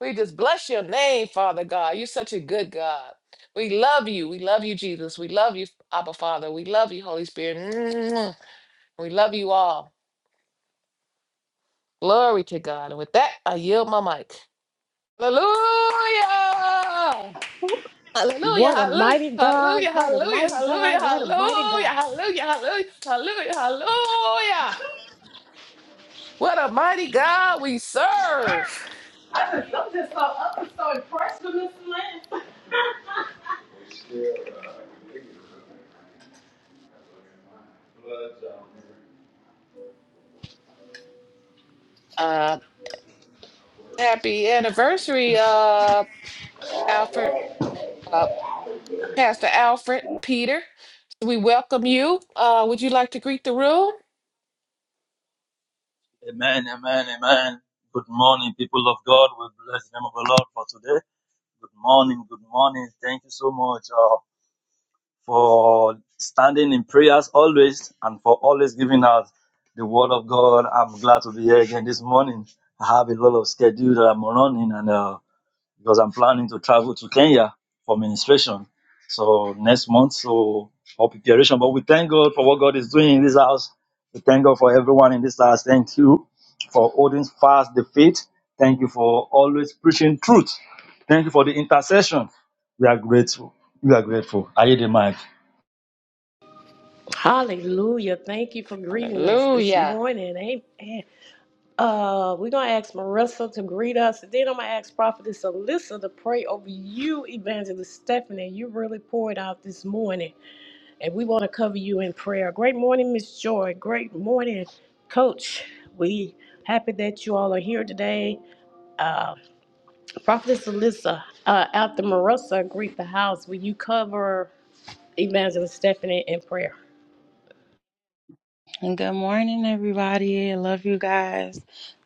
Speaker 3: We just bless your name, Father God. You're such a good God. We love you. We love you, Jesus. We love you, Abba Father. We love you, Holy Spirit. Mwah. We love you all. Glory to God. And with that, I yield my mic. Hallelujah. Hallelujah,
Speaker 1: What a
Speaker 3: hallelujah,
Speaker 1: mighty God.
Speaker 3: hallelujah,
Speaker 1: What a
Speaker 3: hallelujah,
Speaker 1: mighty
Speaker 3: hallelujah,
Speaker 1: God. What a mighty
Speaker 3: hallelujah,
Speaker 1: God.
Speaker 3: hallelujah, hallelujah, hallelujah, hallelujah. What a mighty God we serve.
Speaker 1: I'm so impressed with Miss Lynn.
Speaker 3: Uh, happy anniversary, uh, Alfred, uh, Pastor Alfred Peter. We welcome you. Uh, would you like to greet the room?
Speaker 7: Amen, amen, amen. Good morning, people of God. We bless the name of the Lord for today. Good morning, good morning. Thank you so much uh, for standing in prayers always and for always giving us the word of God. I'm glad to be here again this morning. I have a lot of schedule that I'm running, and uh, because I'm planning to travel to Kenya for ministration. So next month, so for preparation. But we thank God for what God is doing in this house. We thank God for everyone in this house. Thank you for holding fast the faith. Thank you for always preaching truth. Thank you for the intercession. We are grateful. We are grateful. Are you the mic?
Speaker 1: Hallelujah. Thank you for greeting us this
Speaker 3: Hallelujah.
Speaker 1: morning. Amen. Uh, we're going to ask Marissa to greet us. And then I'm going to ask Prophetess Alyssa to pray over you, Evangelist Stephanie. You really poured out this morning. And we want to cover you in prayer. Great morning, Miss Joy. Great morning, Coach. We happy that you all are here today. Uh, Prophetess Alyssa, uh, after Marissa greet the house, will you cover Evangelist Stephanie in prayer?
Speaker 8: And good morning, everybody. I love you guys.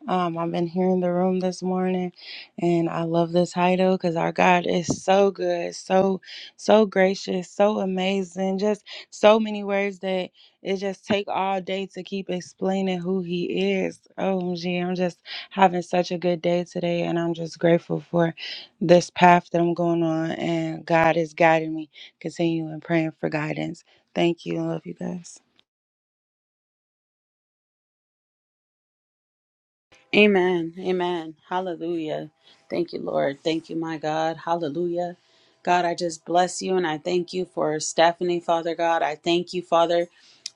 Speaker 8: Um, I've been here in the room this morning, and I love the title because our God is so good, so so gracious, so amazing. Just so many words that it just take all day to keep explaining who He is. OMG, I'm just having such a good day today, and I'm just grateful for this path that I'm going on, and God is guiding me. Continue and praying for guidance. Thank you. I love you guys.
Speaker 4: Amen. Amen. Hallelujah. Thank you, Lord. Thank you, my God. Hallelujah. God, I just bless you and I thank you for Stephanie, Father God. I thank you, Father.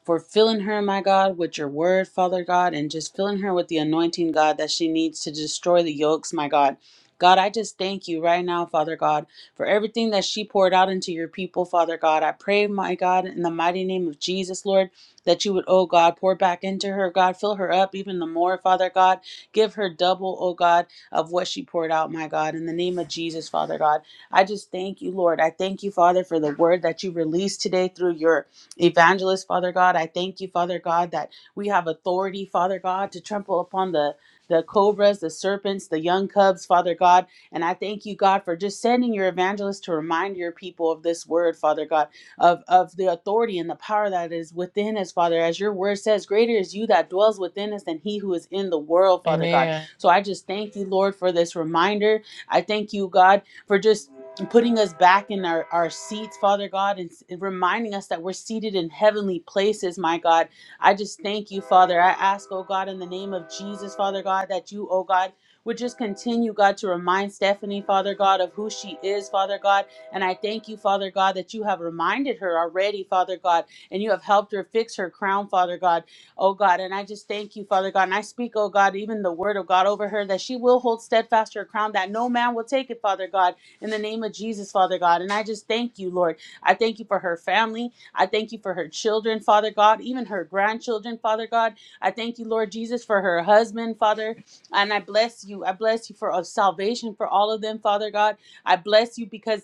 Speaker 4: for filling her, my God, with your word, Father God, and just filling her with the anointing, God, that she needs to destroy the yokes, my God. God, I just thank you right now, Father God, for everything that she poured out into your people, Father God. I pray, my God, in the mighty name of Jesus, Lord, that you would, oh God, pour back into her, God. Fill her up even the more, Father God. Give her double, oh God, of what she poured out, my God. In the name of Jesus, Father God. I just thank you, Lord. I thank you, Father, for the word that you released today through your evangelist, Father God. I thank you, Father God, that we have authority, Father God, to trample upon the the cobras, the serpents, the young cubs, Father God. And I thank you, God, for just sending your evangelist to remind your people of this word, Father God, of, of the authority and the power that is within us, Father. As your word says, greater is you that dwells within us than he who is in the world, Father God.
Speaker 3: Amen.
Speaker 4: So I just thank you, Lord, for this reminder. I thank you, God, for just and putting us back in our, our seats, Father God, and s- and reminding us that we're seated in heavenly places, my God. I just thank you, Father. I ask, oh God, in the name of Jesus, Father God, that you, oh God, would just continue, God, to remind Stephanie, Father God, of who she is, Father God. And I thank you, Father God, that you have reminded her already, Father God, and you have helped her fix her crown, Father God, oh God. And I just thank you, Father God. And I speak, oh God, even the word of God over her that she will hold steadfast her crown, that no man will take it, Father God in the name of Jesus, Father God. And I just thank you, Lord. I thank you for her family. I thank you for her children, Father God, even her grandchildren, Father God. I thank you, Lord Jesus, for her husband, Father. And I bless you. I bless you for uh, salvation for all of them, Father God. I bless you because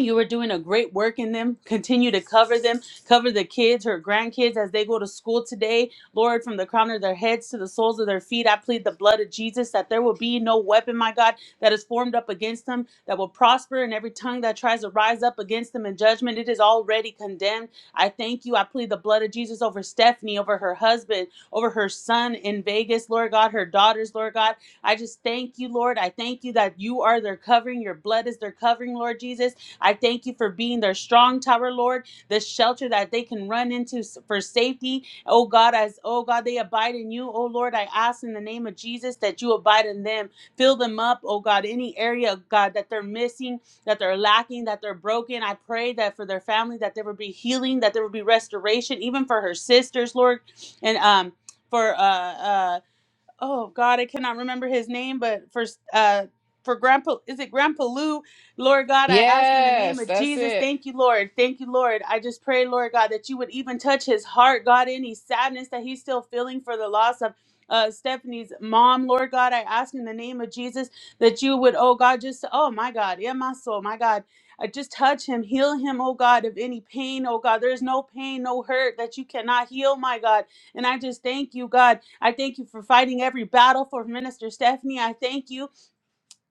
Speaker 4: you are doing a great work in them. Continue to cover them, cover the kids, her grandkids as they go to school today. Lord, from the crown of their heads to the soles of their feet, I plead the blood of Jesus that there will be no weapon, my God, that is formed up against them that will prosper, and every tongue that tries to rise up against them in judgment, it is already condemned. I thank you. I plead the blood of Jesus over Stephanie, over her husband, over her son in Vegas, Lord God, her daughters, Lord God. I just thank you, Lord. I thank you that you are their covering. Your blood is their covering, Lord Jesus. I thank you for being their strong tower, Lord, the shelter that they can run into for safety. Oh God, as oh God, they abide in you. Oh Lord, I ask in the name of Jesus that you abide in them. Fill them up, oh God, any area, God, that they're missing, that they're lacking, that they're broken. I pray that for their family, that there would be healing, that there would be restoration, even for her sisters, Lord. And um for uh uh oh God, I cannot remember his name, but for uh for Grandpa, is it Grandpa Lou? Lord God, I ask in the name
Speaker 3: Yes,
Speaker 4: of
Speaker 3: that's
Speaker 4: Jesus.
Speaker 3: it.
Speaker 4: Thank you, Lord. Thank you, Lord. I just pray, Lord God, that you would even touch his heart, God, any sadness that he's still feeling for the loss of uh, Stephanie's mom. Lord God, I ask in the name of Jesus that you would, oh God, just, oh my God, yeah, my soul, my God. I just touch him, heal him, oh God, of any pain, oh God. There's no pain, no hurt that you cannot heal, my God. And I just thank you, God. I thank you for fighting every battle for Minister Stephanie. I thank you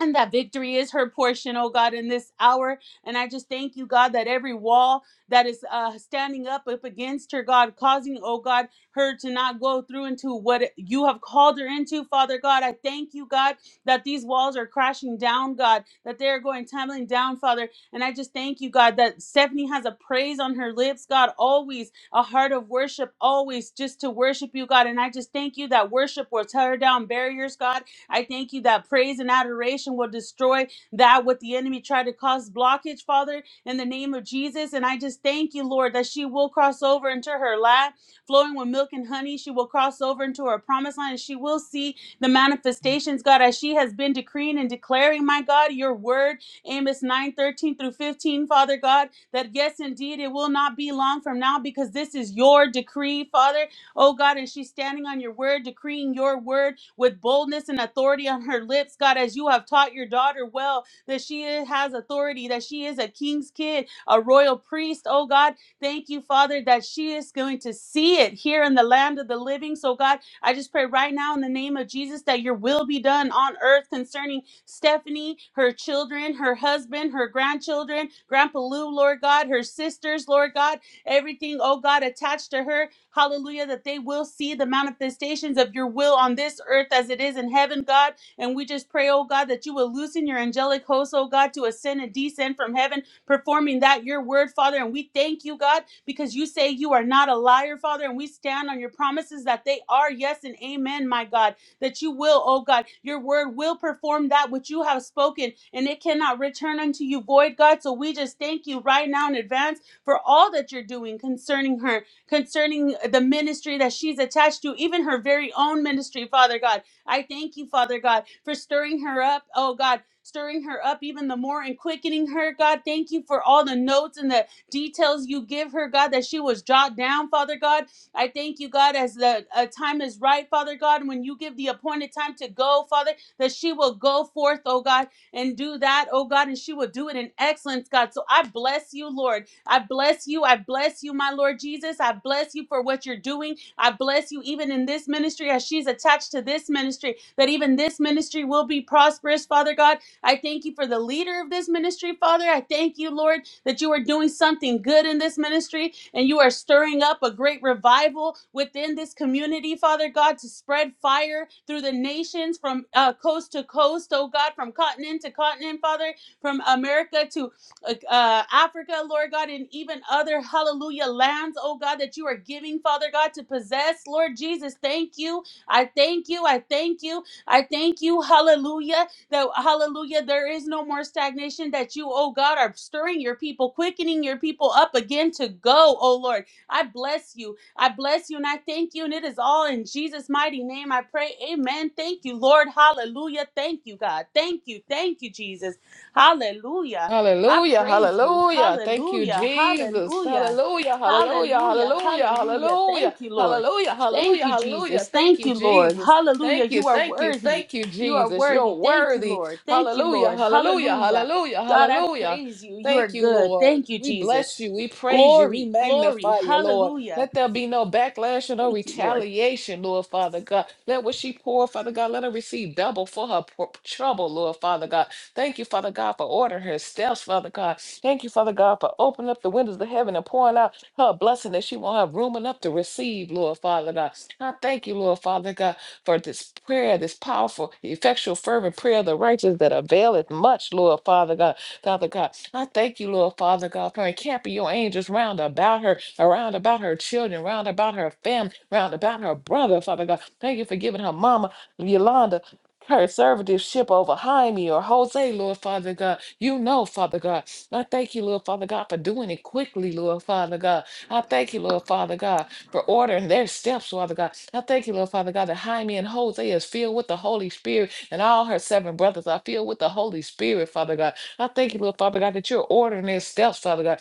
Speaker 4: and that victory is her portion, oh God, in this hour. And I just thank you, God, that every wall that is uh, standing up up against her, God, causing, oh God, her to not go through into what you have called her into, Father God. I thank you, God, that these walls are crashing down, God, that they are going tumbling down, Father. And I just thank you, God, that Stephanie has a praise on her lips, God, always a heart of worship, always just to worship you, God. And I just thank you that worship will tear down barriers, God I thank you that praise and adoration will destroy that what the enemy tried to cause blockage, Father, in the name of Jesus. And I just thank you, Lord, that she will cross over into her lap, flowing with milk and honey. She will cross over into her promised land and she will see the manifestations, God, as she has been decreeing and declaring, my God, your word, Amos 9 13 through 15, Father God, that yes, indeed, it will not be long from now because this is your decree, Father oh God, and she's standing on your word, decreeing your word with boldness and authority on her lips, God, as you have taught your daughter well, that she has authority, that she is a king's kid, a royal priest, oh God. Thank you, Father, that she is going to see it here in the land of the living. So, God, I just pray right now in the name of Jesus that your will be done on earth concerning Stephanie, her children, her husband, her grandchildren, Grandpa Lou, Lord God, her sisters, Lord God, everything, oh God, attached to her. Hallelujah, that they will see the manifestations of your will on this earth as it is in heaven, God. And we just pray, oh God, that you will loosen your angelic hosts, oh God, to ascend and descend from heaven, performing that your word, Father. And we thank you, God, because you say you are not a liar, Father. And we stand on your promises that they are yes and amen, my God. That you will, oh God, your word will perform that which you have spoken, and it cannot return unto you void, God. So we just thank you right now in advance for all that you're doing concerning her concerning the ministry that she's attached to, even her very own ministry, Father God. I thank you, Father God, for stirring her up, oh God. Stirring her up even the more and quickening her, God. Thank you for all the notes and the details you give her, God, that she was jot down, Father God. I thank you, God, as the uh, time is right, Father God, when you give the appointed time to go, Father, that she will go forth, oh God, and do that, oh God, and she will do it in excellence, God. So I bless you, Lord. I bless you. I bless you, my Lord Jesus. I bless you for what you're doing. I bless you even in this ministry as she's attached to this ministry, that even this ministry will be prosperous, Father God. I thank you for the leader of this ministry, Father. I thank you, Lord, that you are doing something good in this ministry and you are stirring up a great revival within this community, Father God, to spread fire through the nations from uh, coast to coast, oh God, from continent to continent, Father, from America to uh, uh, Africa, Lord God, and even other hallelujah lands, oh God, that you are giving, Father God, to possess. Lord Jesus, thank you. I thank you. I thank you. I thank you, hallelujah, that hallelujah, there is no more stagnation, that you, oh God, are stirring your people, quickening your people up again to go, oh Lord. I bless you. I bless you and I thank you. And it is all in Jesus' mighty name. I pray. Amen. Thank you, Lord. Hallelujah. Thank you, God. Thank you. Thank you, Jesus. Hallelujah. I
Speaker 3: Hallelujah,
Speaker 4: praise you.
Speaker 3: hallelujah. Thank you,
Speaker 4: Hallelujah.
Speaker 3: Jesus.
Speaker 4: Hallelujah.
Speaker 3: Hallelujah, hallelujah,
Speaker 4: Hallelujah.
Speaker 3: hallelujah,
Speaker 4: Hallelujah.
Speaker 3: hallelujah,
Speaker 4: Thank you, Lord.
Speaker 3: hallelujah,
Speaker 4: Thank
Speaker 3: hallelujah,
Speaker 4: you,
Speaker 3: hallelujah.
Speaker 4: Jesus.
Speaker 3: Thank
Speaker 4: Thank
Speaker 3: you,
Speaker 4: you, Lord.
Speaker 3: Jesus. Thank
Speaker 4: Hallelujah.
Speaker 3: you,
Speaker 4: You are
Speaker 3: thank you,
Speaker 4: worthy.
Speaker 3: thank you,
Speaker 4: You are
Speaker 3: Jesus. You're
Speaker 4: worthy. Thank you,
Speaker 3: worthy.
Speaker 4: Lord. Thank you,
Speaker 3: Hallelujah,
Speaker 4: Lord.
Speaker 3: hallelujah,
Speaker 4: Hallelujah.
Speaker 3: hallelujah,
Speaker 4: God, I
Speaker 3: hallelujah.
Speaker 4: praise you. You are
Speaker 3: Thank you,
Speaker 4: good.
Speaker 3: Lord.
Speaker 4: Thank you,
Speaker 3: We
Speaker 4: Jesus.
Speaker 3: bless you. We praise you. We
Speaker 4: Glory, glory.
Speaker 3: magnify you, Lord.
Speaker 4: Hallelujah.
Speaker 3: Let there be no backlash or no
Speaker 4: Thank you, Lord.
Speaker 3: retaliation, Lord Father God. Let what she pour, Father God, let her receive double for her pour- trouble, Lord Father God. Thank you, Father God, for ordering her steps, Father God. Thank you, Father God, for opening up the windows of heaven and pouring out her blessing that she won't have room enough to receive, Lord Father God. I thank you, Lord Father God, for this prayer, this powerful, effectual, fervent prayer of the righteous that availeth much, Lord Father God. Father God, I thank you, Lord Father God, for encamping your angels round about her, around about her children, round about her family, round about her brother, Father God. Thank you for giving her mama, Yolanda conservative ship over Jaime or Jose, Lord Father God. You know, Father God. I thank you, Lord Father God, for doing it quickly, Lord Father God. I thank you, Lord Father God, for ordering their steps, Father God. I thank you, Lord Father God, that Jaime and Jose is filled with the Holy Spirit and all her seven brothers are filled with the Holy Spirit, Father God. I thank you, Lord Father God, that you're ordering their steps, Father God.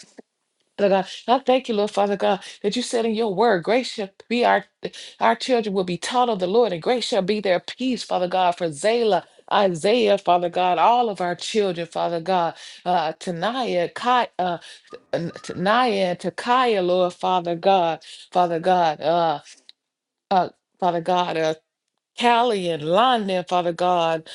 Speaker 3: Father God, I thank you, Lord Father God, that you said in your word, grace shall be our our children will be taught of the Lord, and grace shall be their peace, Father God, for Zayla, Isaiah, Father God, all of our children, Father God, uh, Tanaya, Kai, uh, N- Tanaya, and Takaya, Lord Father God, Father God, uh, uh, Father God, uh, Callie and London, Father God,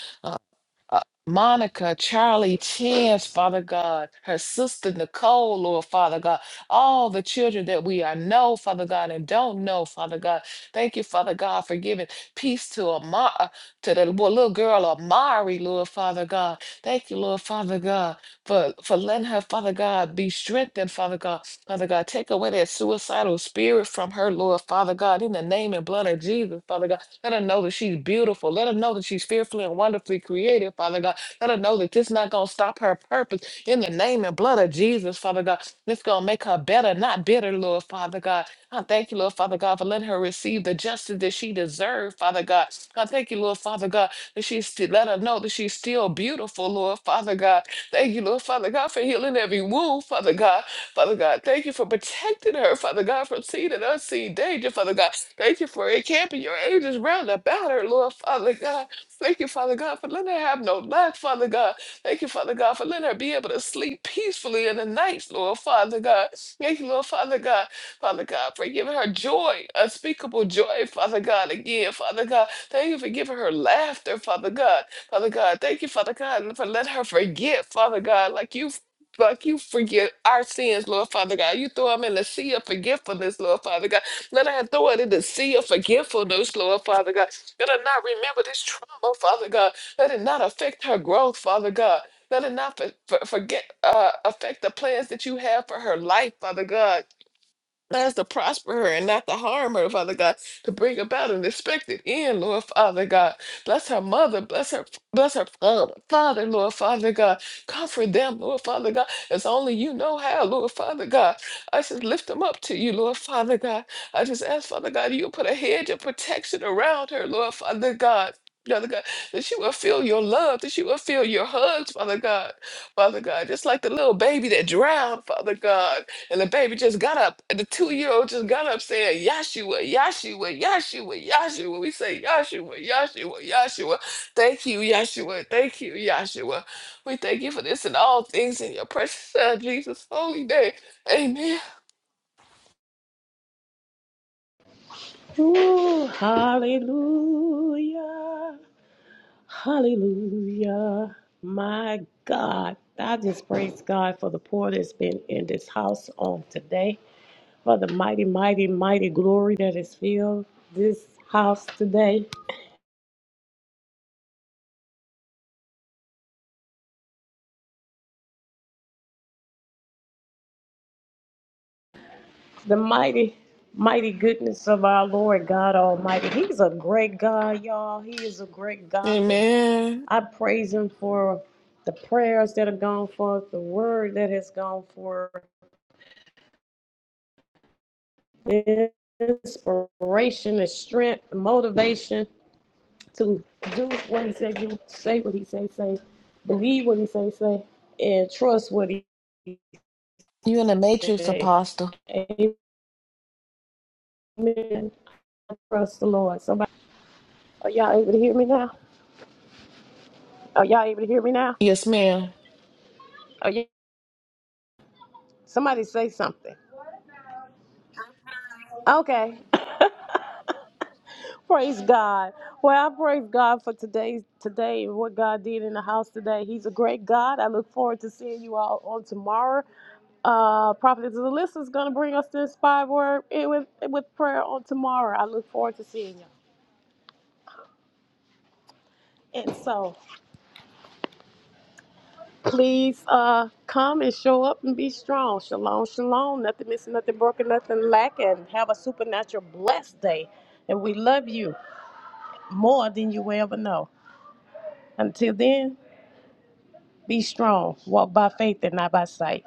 Speaker 3: uh, Monica, Charlie, Chance, Father God, her sister Nicole, Lord Father God, all the children that we are know, Father God, and don't know, Father God. Thank you, Father God, for giving peace to Amar, uh, to the bo- little girl Amari, Lord Father God. Thank you, Lord Father God, for for letting her, Father God, be strengthened, Father God, Father God, take away that suicidal spirit from her, Lord Father God, in the name and blood of Jesus, Father God. Let her know that she's beautiful. Let her know that she's fearfully and wonderfully created, Father God. Let her know that this not going to stop her purpose in the name and blood of Jesus, Father God. This going to make her better, not bitter, Lord, Father God. I thank you, Lord, Father God, for letting her receive the justice that she deserved, Father God. I thank you, Lord, Father God, that she's still, let her know that she's still beautiful, Lord, Father God. Thank you, Lord, Father God, for healing every wound, Father God. Father God, thank you for protecting her, Father God, from seen and unseen danger, Father God. Thank you for encamping your angels round about her, Lord, Father God. Thank you, Father God, for letting her have no lack, Father God. Thank you, Father God, for letting her be able to sleep peacefully in the night, Lord, Father God. Thank you, Lord, Father God, Father God, for giving her joy, unspeakable joy, Father God, again, Father God. Thank you for giving her laughter, Father God. Father God, thank you, Father God, for letting her forget, Father God, like you Fuck you, forgive our sins, Lord Father God. You throw them in the sea of forgetfulness, Lord Father God. Let her throw it in the sea of forgetfulness, Lord Father God. Let her not remember this trauma, Father God. Let it not affect her growth, Father God. Let it not for, for- forget uh, affect the plans that you have for her life, Father God us to prosper her and not to harm her, Father God, to bring about an expected end, Lord Father God. Bless her mother, bless her, bless her father, Father, Lord Father God. Comfort them, Lord Father God, as only you know how, Lord Father God. I just lift them up to you, Lord Father God. I just ask, Father God, you put a hedge of protection around her, Lord Father God. Father God, that she will feel your love, that she will feel your hugs, Father God. Father God, just like the little baby that drowned, Father God. And the baby just got up. and The two year old just got up saying, Yahshua, Yahshua, Yahshua, Yahshua. We say, Yahshua, Yahshua, Yahshua. Thank you, Yahshua. Thank you, Yahshua. We thank you for this and all things in your precious Son, Jesus' holy name. Amen.
Speaker 1: Ooh, hallelujah. Hallelujah. My God. I just praise God for the pour that's been in this house on today, for the mighty, mighty, mighty glory that is filled this house today. the mighty, mighty goodness of our Lord God Almighty. He's a great God, y'all. He is a great God. And
Speaker 3: Amen.
Speaker 1: I praise Him for the prayers that have gone forth, the word that has gone forth, the inspiration, the strength, the motivation to do what He said, do, say what He say, say, believe what He say, say, and trust what He
Speaker 3: You in the matrix,
Speaker 1: say.
Speaker 3: Apostle.
Speaker 1: Amen. Trust the Lord. Somebody, are y'all able to hear me now? Are y'all able to hear me now?
Speaker 3: Yes, ma'am.
Speaker 1: Oh yeah. Somebody say something. Okay. praise God. Well, I praise God for today's today and what God did in the house today. He's a great God. I look forward to seeing you all on tomorrow. Uh Prophet Alyssa is gonna bring us the inspired word in with with prayer on tomorrow. I look forward to seeing you. And so please uh come and show up and be strong. Shalom, shalom. Nothing missing, nothing broken, nothing lacking. Have a supernatural blessed day. And we love you. more than you will ever know. Until then, be strong. Walk by faith and not by sight.